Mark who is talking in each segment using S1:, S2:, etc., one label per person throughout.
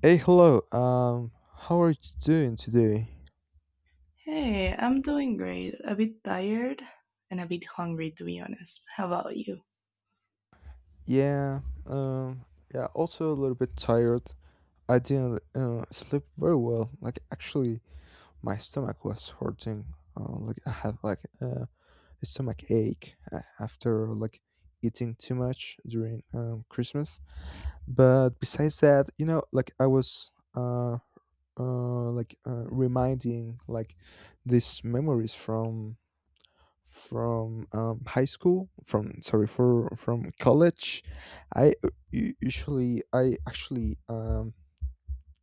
S1: Hey, hello. How are you doing today?
S2: Hey, I'm doing great. A bit tired and a bit hungry, to be honest. How about you?
S1: Yeah. Yeah. Also a little bit tired. I didn't sleep very well. Like actually, my stomach was hurting. Like I had like a stomach ache after like eating too much during Christmas. But besides that, you know, like I was uh, reminding like these memories from high school from sorry for from college. I usually I actually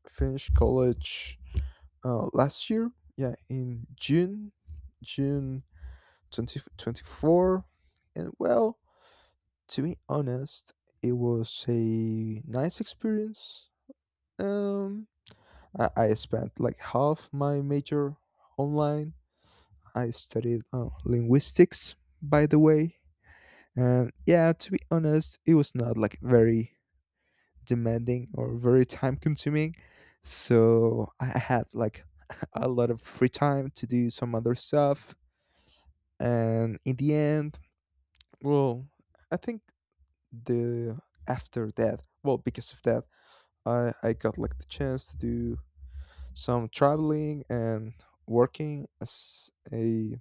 S1: finished college last year, yeah, in june, june 2024. And well, to be honest, it was a nice experience. Um, I spent like half my major online. I studied linguistics, by the way. And yeah, to be honest, it was not like very demanding or very time consuming. So I had like a lot of free time to do some other stuff. And in the end, well, I think the after that, well, because of that, I got like the chance to do some traveling and working as a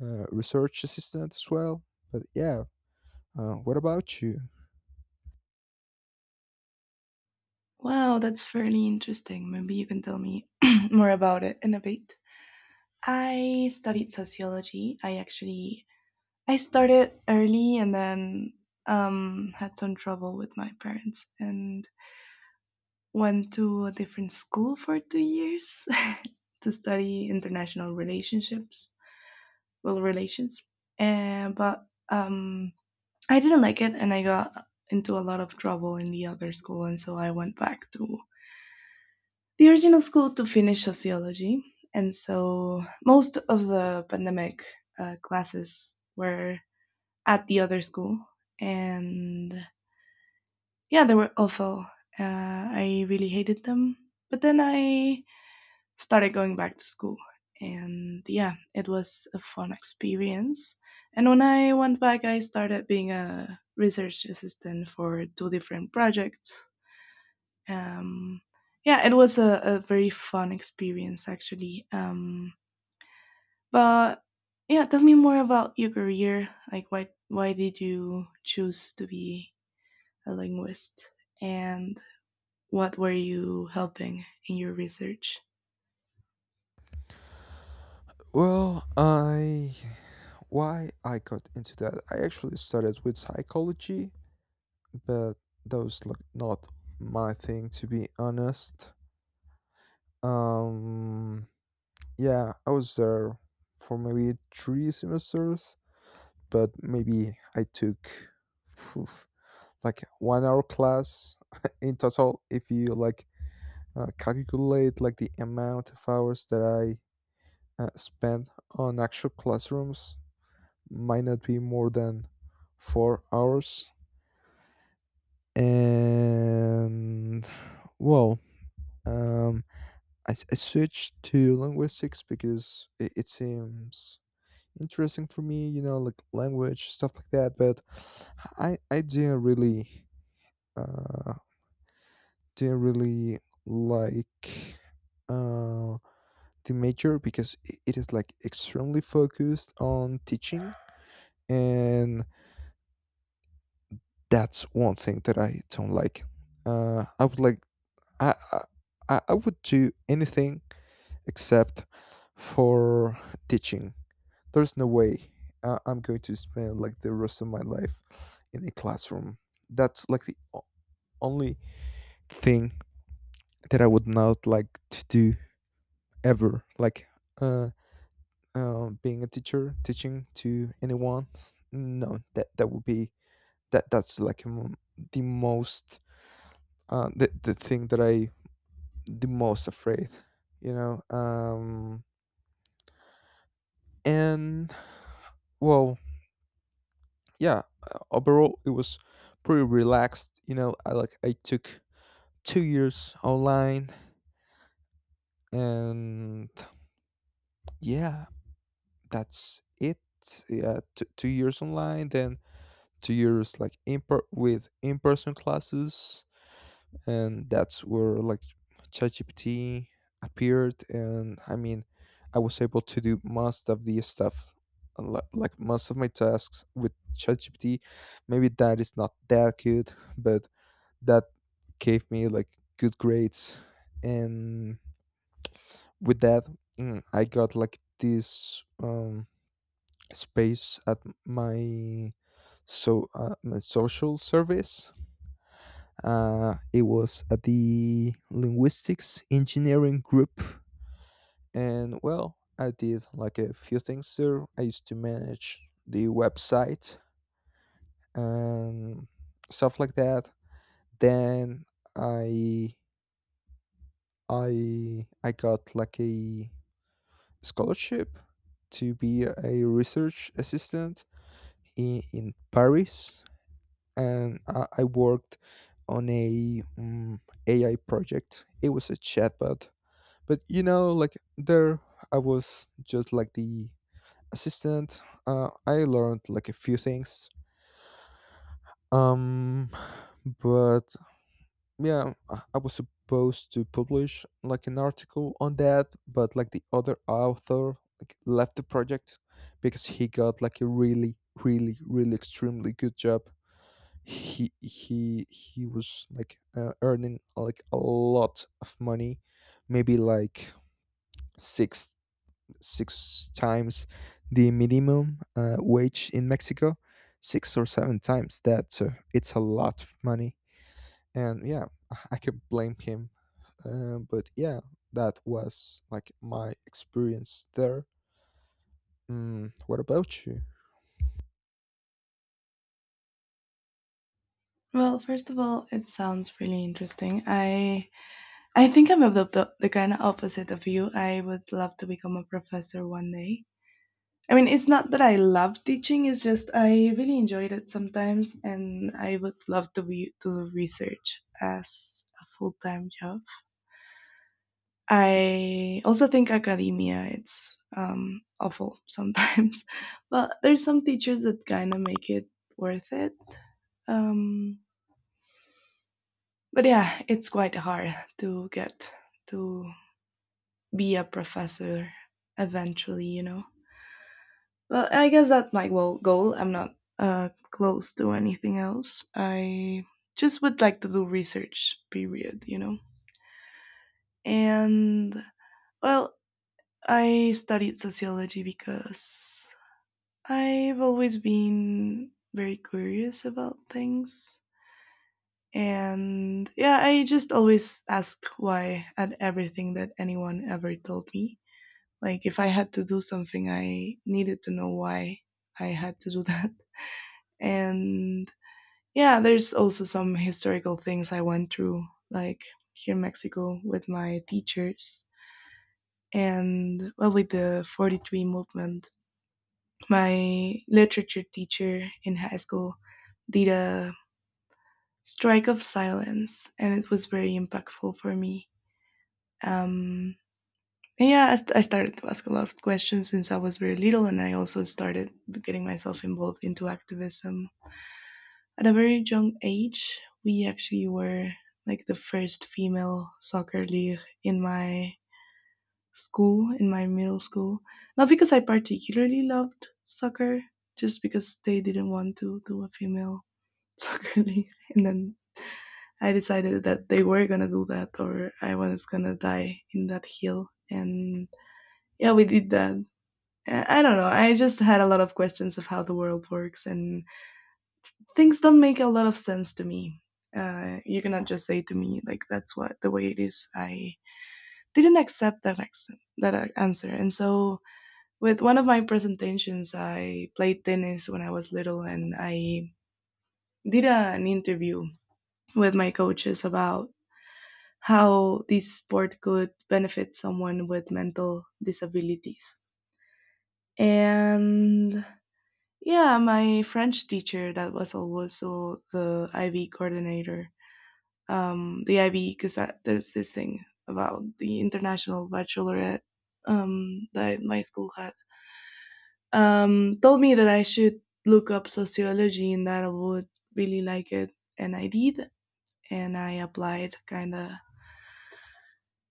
S1: research assistant as well. But yeah, what about you?
S2: Wow, that's fairly interesting. Maybe you can tell me more about it in a bit. I studied sociology. I actually I started early and then had some trouble with my parents and went to a different school for two years to study international relationships, well, relations. And but um, I didn't like it, and I got into a lot of trouble in the other school, and so I went back to the original school to finish sociology. And so most of the pandemic classes were at the other school, and yeah, they were awful. Uh, I really hated them. But then I started going back to school. And yeah, it was a fun experience. And when I went back, I started being a research assistant for two different projects. Um, yeah, it was a very fun experience actually. But yeah, tell me more about your career. Like, why did you choose to be a linguist, and what were you helping in your research?
S1: Well, I why I got into that. I actually started with psychology, but that was like not my thing, to be honest. Um, yeah, I was there for maybe three semesters, but maybe I took phew, like 1 hour class in total. If you like calculate like the amount of hours that I spent on actual classrooms, might not be more than 4 hours. And well um I, s- I switched to linguistics because it seems interesting for me, you know, like language stuff like that. But I didn't really uh didn't really like uh the major because it is like extremely focused on teaching, and that's one thing that I don't like. Uh i would like I, I I would do anything except for teaching. There's no way I'm going to spend like the rest of my life in a classroom. That's like only thing that I would not like to do ever. Like uh, being a teacher, teaching to anyone. No, that would be that. That's like the most the thing that I the most afraid. You know. And well, yeah, overall it was pretty relaxed, you know. I like I took 2 years online, and yeah, that's it. Yeah, 2 years online, then 2 years like with in-person classes, and that's where like ChatGPT appeared. And I mean, I was able to do most of the stuff, like most of my tasks with ChatGPT. Maybe that is not that good, but that gave me like good grades. And with that, I got like this space at my my social service. It was at the linguistics engineering group, and well, I did like a few things there. I used to manage the website and stuff like that. Then I I got like a scholarship to be a research assistant in Paris, and I worked on a AI project. It was a chatbot, but you know, like there I was just like the assistant. I learned like a few things. Um But yeah, I was supposed to publish like an article on that, but like the other author like left the project because he got like a really really really extremely good job. he he he was like earning like a lot of money, maybe like six six times the minimum wage in Mexico, six or seven times that. So it's a lot of money. And yeah, I could blame him. But yeah, that was like my experience there. What about you?
S2: Well, first of all, it sounds really interesting. I think I'm of the kind of opposite of you. I would love to become a professor one day. I mean, it's not that I love teaching, it's just I really enjoyed it sometimes and I would love to be to research as a full-time job. I also think academia it's awful sometimes, but there's some teachers that kind of make it worth it. Um but yeah, it's quite hard to get to be a professor eventually, you know. Well, I guess that's my goal. Goal. I'm not close to anything else. I just would like to do research. Period. You know. And well, I studied sociology because I've always been very curious about things. And yeah, I just always asked why at everything that anyone ever told me. Like if I had to do something, I needed to know why I had to do that. And yeah, there's also some historical things I went through, like here in Mexico with my teachers and well with the 43 movement. My literature teacher in high school did a strike of silence and it was very impactful for me. Um, and yeah, I started to ask a lot of questions since I was very little, and I also started getting myself involved into activism at a very young age. We actually were like the first female soccer league in my school, in my middle school. Not because I particularly loved soccer, just because they didn't want to do a female soccer league, and then I decided that they were gonna do that, or I was gonna die in that hill. And yeah, we did that. I don't know. I just had a lot of questions of how the world works, and things don't make a lot of sense to me. You cannot just say to me like that's what the way it is. I didn't accept that accent, that answer, and so with one of my presentations, I played tennis when I was little, and I did an interview with my coaches about how this sport could benefit someone with mental disabilities. And yeah, my French teacher that was also the IB coordinator. The IB because there's this thing about the international baccalaureate that my school had. Told me that I should look up sociology and that I would really like it, and I did. And I applied kind of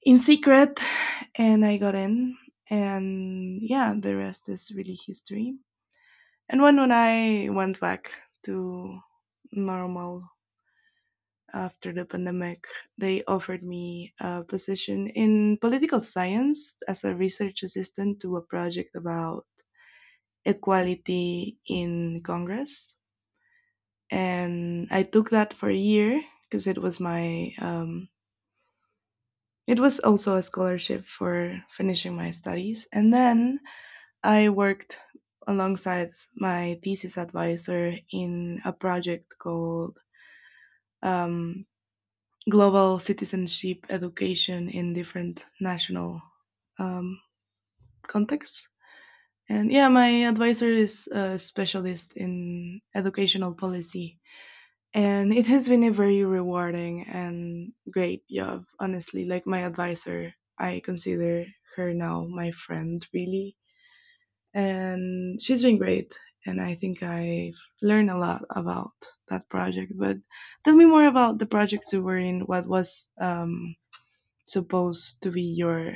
S2: in secret, and I got in. And yeah, the rest is really history. And when I went back to normal after the pandemic, they offered me a position in political science as a research assistant to a project about equality in Congress. And I took that for a year because it was it was also a scholarship for finishing my studies. And then I worked alongside my thesis advisor in a project called um, global citizenship education in different national um, contexts. And yeah, my advisor is a specialist in educational policy. And it has been a very rewarding and great job, honestly. Like my advisor, I consider her now my friend, really. And she's been great. And I think I've learned a lot about that project. But tell me more about the project you were in. What was supposed to be your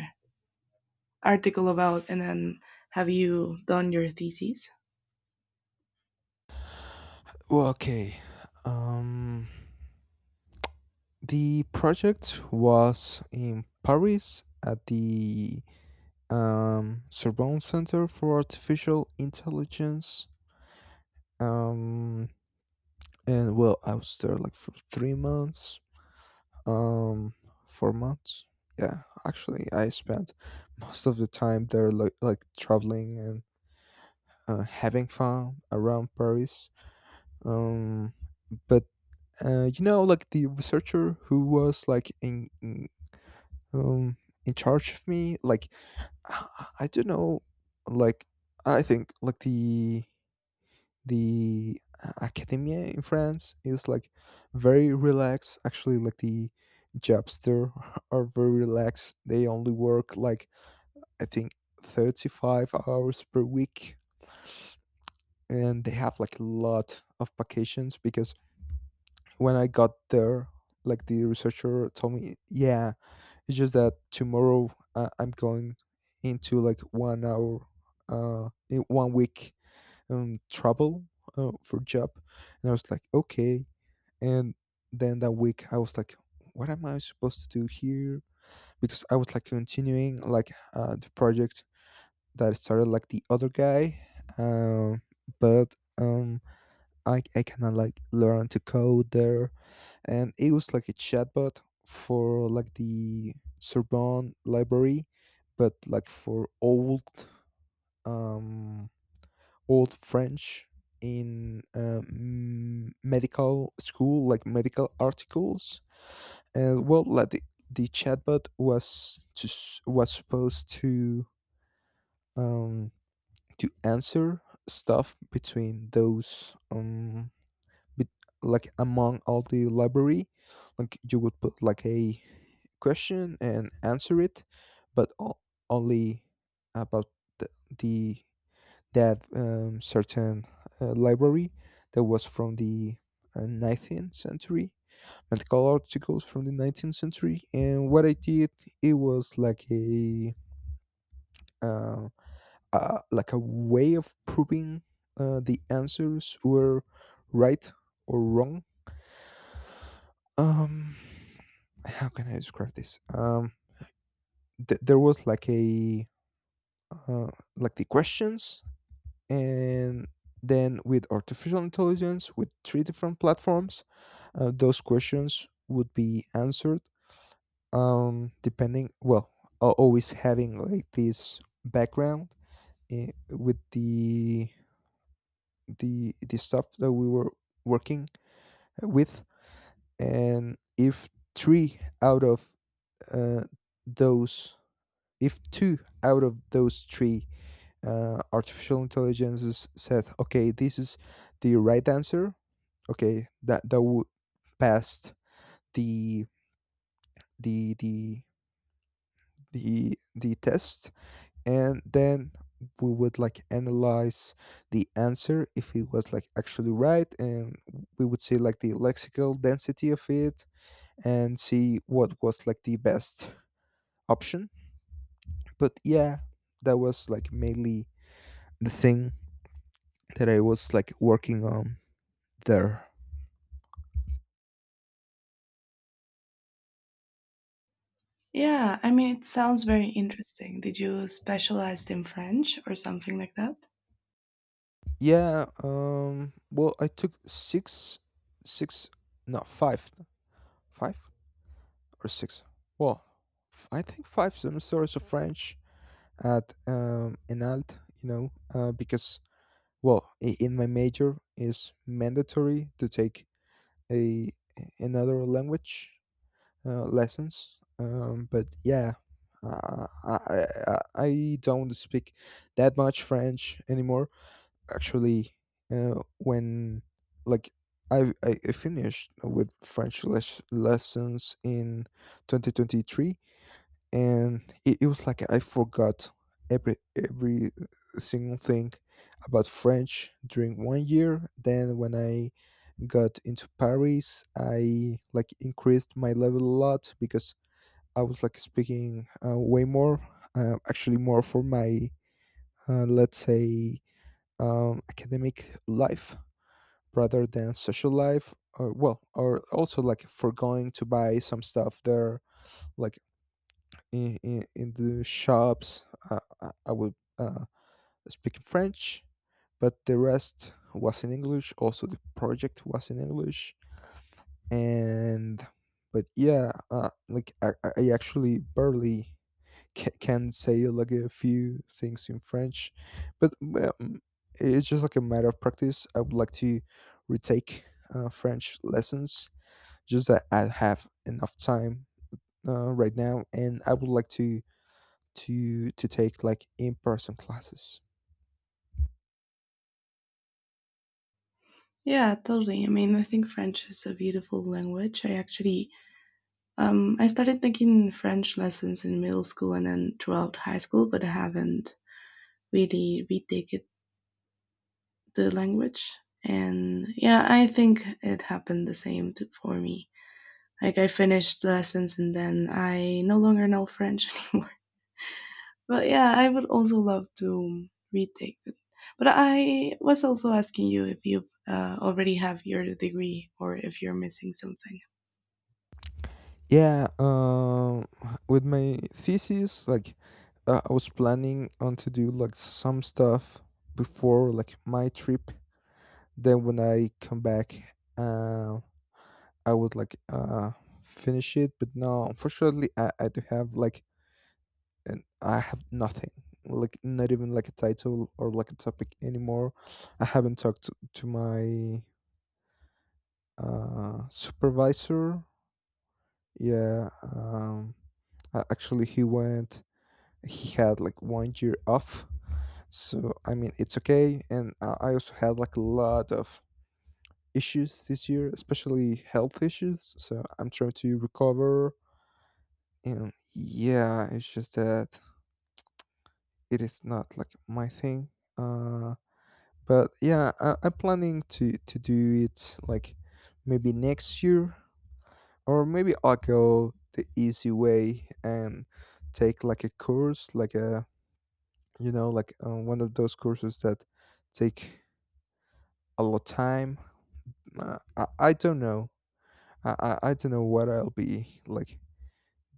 S2: article about, and then have you done your thesis?
S1: Well, okay. Um, the project was in Paris at the Sorbonne Center for Artificial Intelligence. Um, and well, I was there like for 3 months, um 4 months. Yeah, actually I spent most of the time there like traveling and having fun around Paris. um but you know, like the researcher who was like um in charge of me like i, I don't know, like I think like the academia in France is like very relaxed. Actually, like the jobster are very relaxed. They only work like I think 35 hours per week, and they have like a lot of vacations. Because when I got there, like the researcher told me, yeah, it's just that tomorrow I'm going into like 1 hour, in 1 week travel for job. And I was like, okay. And then that week, I was like, what am I supposed to do here? Because I was like continuing like the project that started like the other guy. Um, but I cannot like learn to code there, and it was like a chatbot for like the Sorbonne library, but like for old um old French in medical school, like medical articles. And well, like the chatbot was supposed um to answer stuff between those bet- like among all the library. Like you would put like a question and answer it, but only about the, the that certain library that was from the 19th century. Medical articles from the 19th century. And what I did, it was uh, like a way of proving the answers were right or wrong. um how can I describe this? There was like a uh, like the questions, and then with artificial intelligence with three different platforms those questions would be answered, depending, well, always having like this background with the stuff that we were working with. And if three out of uh, those if two out of those three artificial intelligences said okay, this is the right answer, okay, that that would pass the the the the test. And then we would like analyze the answer if it was like actually right, and we would see like the lexical density of it and see what was like the best option. But yeah, that was like mainly the thing that I was like working on there.
S2: Yeah, I mean, it sounds very interesting. Did you specialize in French or something like that?
S1: Yeah, well, I took six six no five five or six, well, I think five semesters of french at Enalt, you know, because well, in my major is mandatory to take a another language lessons. But yeah, I don't speak that much French anymore. Actually, when like I finished with French lessons in 2023, and it was like I forgot every single thing about French during 1 year. Then when I got into Paris, I like increased my level a lot because I was like speaking way more, actually more for my let's say academic life rather than social life. Or, well, or also like for going to buy some stuff there, like in the shops. I would speak in french, but the rest was in english. Also the project was in english. And but yeah, like I actually barely can say like a few things in french. But well, it's just like a matter of practice. I would like to retake french lessons, just that I have enough time right now, and I would like to take like in-person classes.
S2: Yeah, totally. I mean, I think French is a beautiful language. I started taking French lessons in middle school and then throughout high school, but I haven't really retaken the language. And yeah, I think it happened the same for me. Like I finished lessons and then I no longer know French anymore. But yeah, I would also love to retake it. But I was also asking you if you already have your degree or if you're missing something.
S1: Yeah, with my thesis like I was planning on to do like some stuff before like my trip, then when I come back I would like finish it. But no, unfortunately I do have like I have nothing, like not even like a title or like a topic anymore. I haven't talked to my supervisor. Yeah, actually, he went. He had like 1 year off, so I mean it's okay. And I also had like a lot of issues this year, especially health issues. So I'm trying to recover. And yeah, it's just that it is not like my thing. Uh, but yeah, I, I'm planning to do it like maybe next year. Or maybe I'll go the easy way and take like a course, like a you know, like one of those courses that take a lot of time. I don't know. I don't know what I'll be like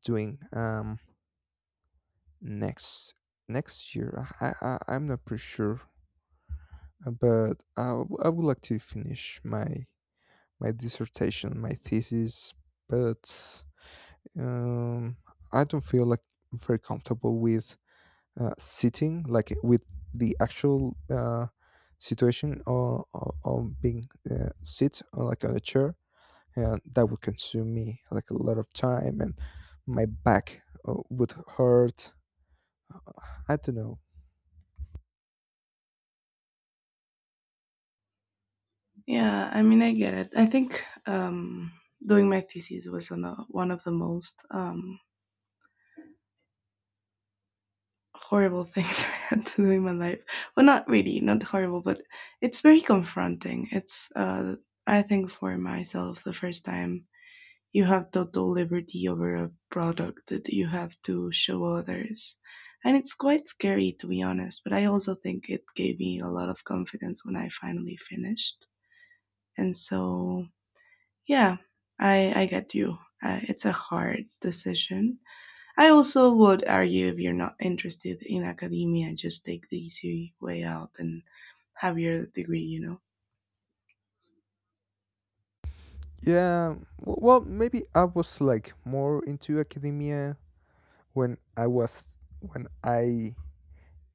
S1: doing next next year. I'm not pretty sure. But I would like to finish my dissertation, my thesis, but um I don't feel like very comfortable with sitting like with the actual situation, or being sit on like on a chair, and that would consume me like a lot of time, and my back would hurt. I don't know.
S2: Yeah, I mean, I get it. I think doing my thesis was on one of the most horrible things I had to do in my life. Well, not really, not horrible, but it's very confronting. It's, I think, for myself, the first time you have total liberty over a product that you have to show others. And it's quite scary, to be honest, but I also think it gave me a lot of confidence when I finally finished. And so, yeah, I get you. It's a hard decision, I also would argue if you're not interested in academia, just take the easy way out and have your degree, you know?
S1: Well, maybe I was like more into academia when I was, when I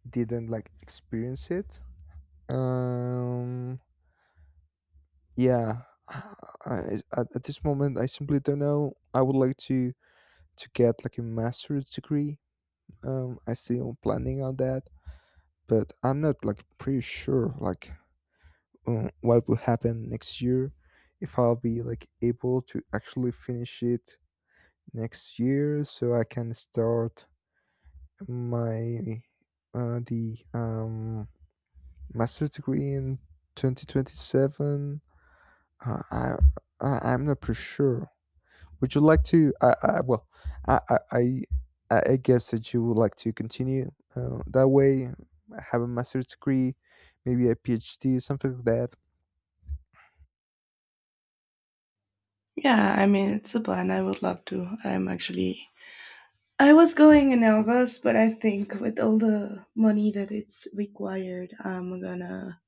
S1: didn't like experience it. um yeah. At this moment, I simply don't know. I would like to get like a master's degree. I still planning on that, but I'm not like pretty sure like what will happen next year, if I'll be like able to actually finish it next year, so I can start my the master's degree in 2027. Uh, I, I'm not pretty sure. Would you like to? I Well, I I guess that you would like to continue that way, have a master's degree, maybe a PhD, something like that.
S2: Yeah, I mean, it's a plan. I would love to. I'm actually. I was going in August, but I think with all the money that it's required, I'm gonna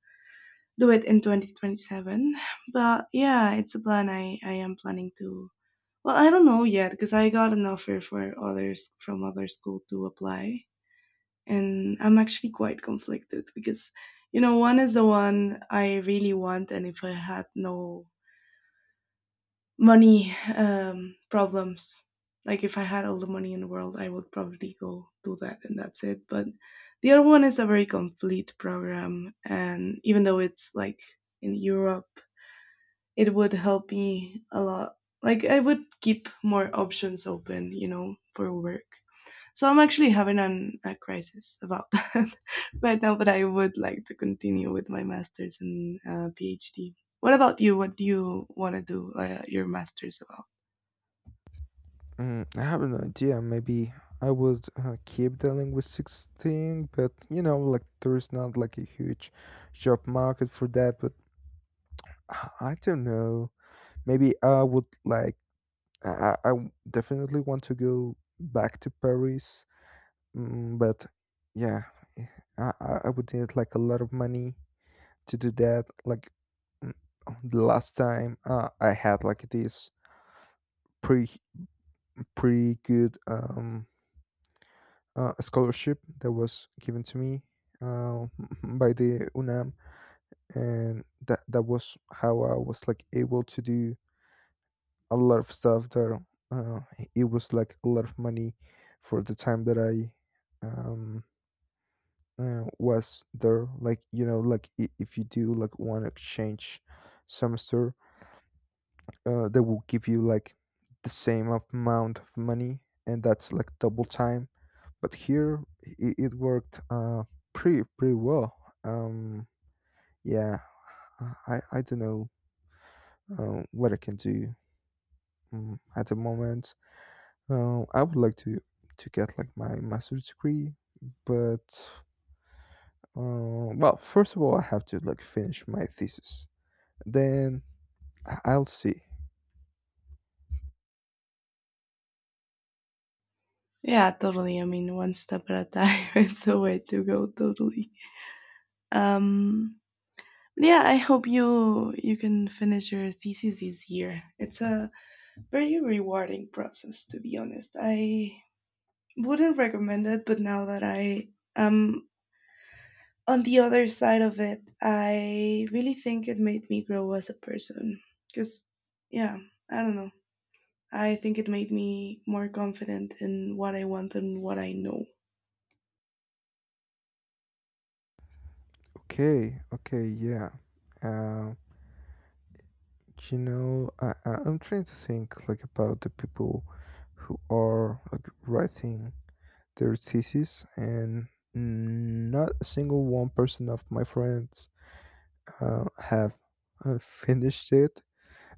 S2: do it in 2027. But yeah, it's a plan. I am planning to. Well, I don't know yet because I got an offer for others from other school to apply. And I'm actually quite conflicted because you know one is the one I really want, and if I had no money problems, like if I had all the money in the world, I would probably go do that, and that's it. But the other one is a very complete program, and even though it's like in Europe, it would help me a lot. Like I would keep more options open, you know, for work. So I'm actually having a crisis about that right now, but I would like to continue with my master's and PhD. What about you? What do you want to do your master's about?
S1: Mm, I have an idea. Maybe I would keep the linguistics thing, but you know, like there's not like a huge job market for that. But I don't know. Maybe I would like, definitely want to go back to Paris, mm, but yeah, eh, I would need like a lot of money to do that. Like mm, the last time I had like this pretty pretty good scholarship that was given to me uh, by the UNAM, and that was how I was like able to do a lot of stuff there. Uh, it was like a lot of money for the time that I um, was there. Like you know, like if you do like one exchange semester, they will give you like the same amount of money, and that's like double time. But here it worked pretty well. Um, yeah, I don't know what I can do at the moment. I would like to get like my master's degree, but well, first of all, I have to like finish my thesis. Then I'll see.
S2: Yeah, totally. I mean, one step at a time is the way to go. Totally. Um, yeah, I hope you can finish your thesis this year. It's a very rewarding process, to be honest. I wouldn't recommend it, but now that I am on the other side of it, I really think it made me grow as a person. Because, yeah, I don't know. I think it made me more confident in what I want and what I know.
S1: Okay, okay, yeah. Uh, you know, I'm trying to think like about the people who are like writing their thesis, and not a single one person of my friends have finished it.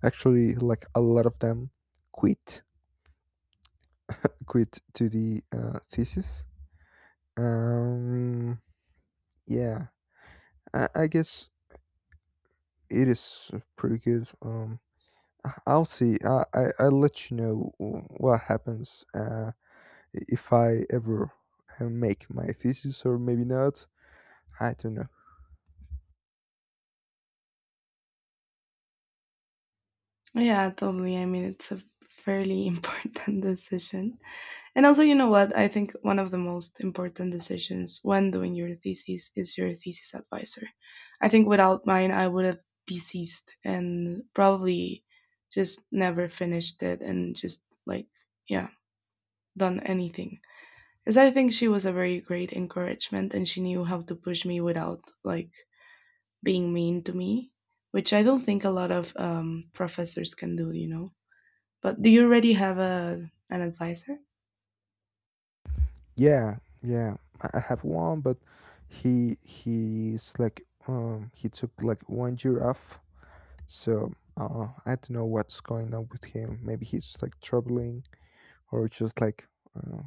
S1: Actually, like a lot of them quit, quit to the thesis. Um, yeah, I guess it is pretty good. I'll see. I'll let you know what happens if I ever make my thesis, or maybe not. I don't know.
S2: Yeah, totally. I mean, it's a fairly important decision. And also, you know what? I think one of the most important decisions when doing your thesis is your thesis advisor. I think without mine, I would have deceased and probably just never finished it and just like, yeah. Done anything. Because I think she was a very great encouragement and she knew how to push me without like being mean to me, which I don't think a lot of professors can do, you know. But do you already have a an advisor?
S1: Yeah, yeah. I have one, but he's like he took like one year off, so I don't know what's going on with him. Maybe he's like traveling, or just like uh,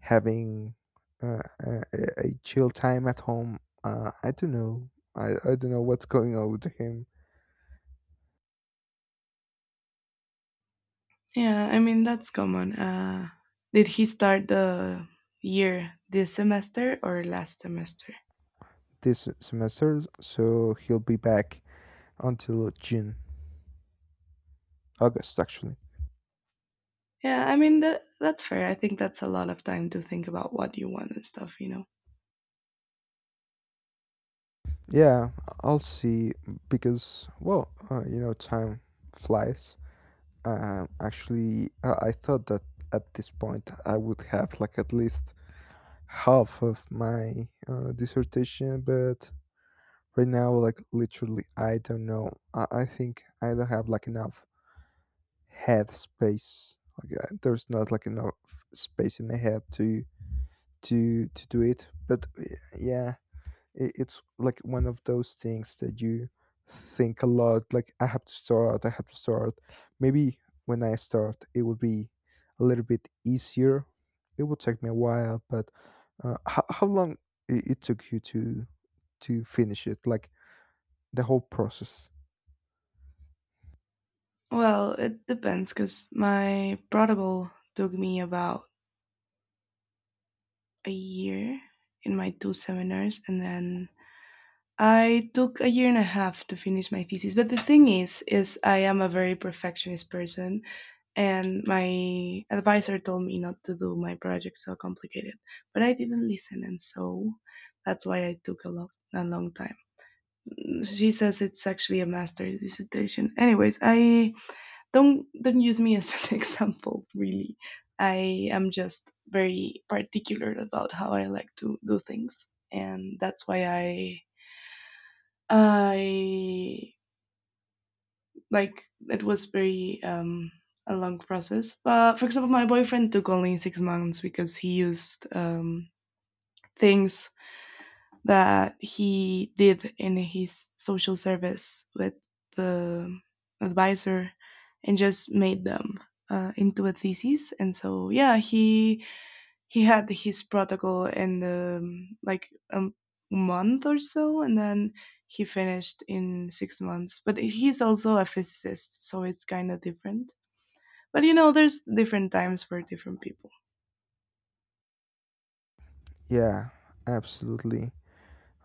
S1: having uh, a, a chill time at home. I don't know. I don't know what's going on with him
S2: Yeah, I mean that's common. Did he start the year this semester or last semester?
S1: this semester, so he'll be back until June, August actually.
S2: Yeah, I mean that that's fair. I think that's a lot of time to think about what you want and stuff, you know.
S1: Yeah, I'll see, because well, you know, time flies. Actually, I thought that at this point I would have like at least half of my dissertation, but right now, like, literally I don't know. I think I don't have like enough head space. Like there's not like enough space in my head to to do it, but yeah, it's like one of those things that you think a lot, like, I have to start, I have to start. Maybe when I start, it will be a little bit easier. It will take me a while. But how long it took you to finish it, like the whole process?
S2: Well, it depends because my prodigal took me about a year in my two seminars, and then I took a year and a half to finish my thesis. But the thing is I am a very perfectionist person, and my advisor told me not to do my project so complicated, but I didn't listen, and so that's why I took a long time. She says it's actually a master's dissertation. Anyways, I don't use me as an example really. I am just very particular about how I like to do things, and that's why I like it was very a long process. But for example, my boyfriend took only 6 months because he used things that he did in his social service with the advisor and just made them into a thesis and so yeah he had his protocol in a month or so and then he finished in 6 months but he's also a physicist so it's kind of different but you know, there's different times for different people.
S1: Yeah, absolutely.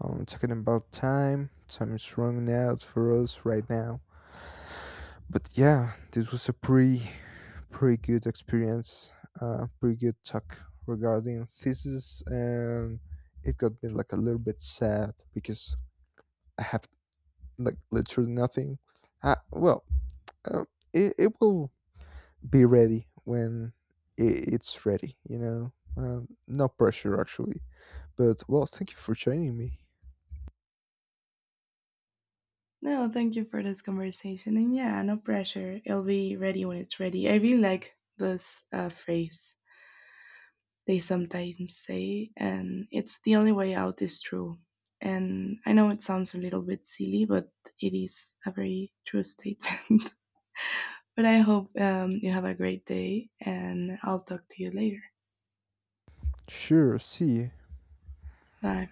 S1: Talking about time, time is running out for us right now. But yeah, this was a pretty good experience. Pretty good talk regarding thesis, and it got me like a little bit sad, because I have like literally nothing. Well, uh, it will be ready when it's ready. You know, no pressure actually. But well, thank you for joining me.
S2: No, thank you for this conversation. And yeah, no pressure. It'll be ready when it's ready. I really like this phrase they sometimes say, and it's the only way out is true. And I know it sounds a little bit silly, but it is a very true statement. But I hope you have a great day, and I'll talk to you later.
S1: Sure, see.
S2: Bye.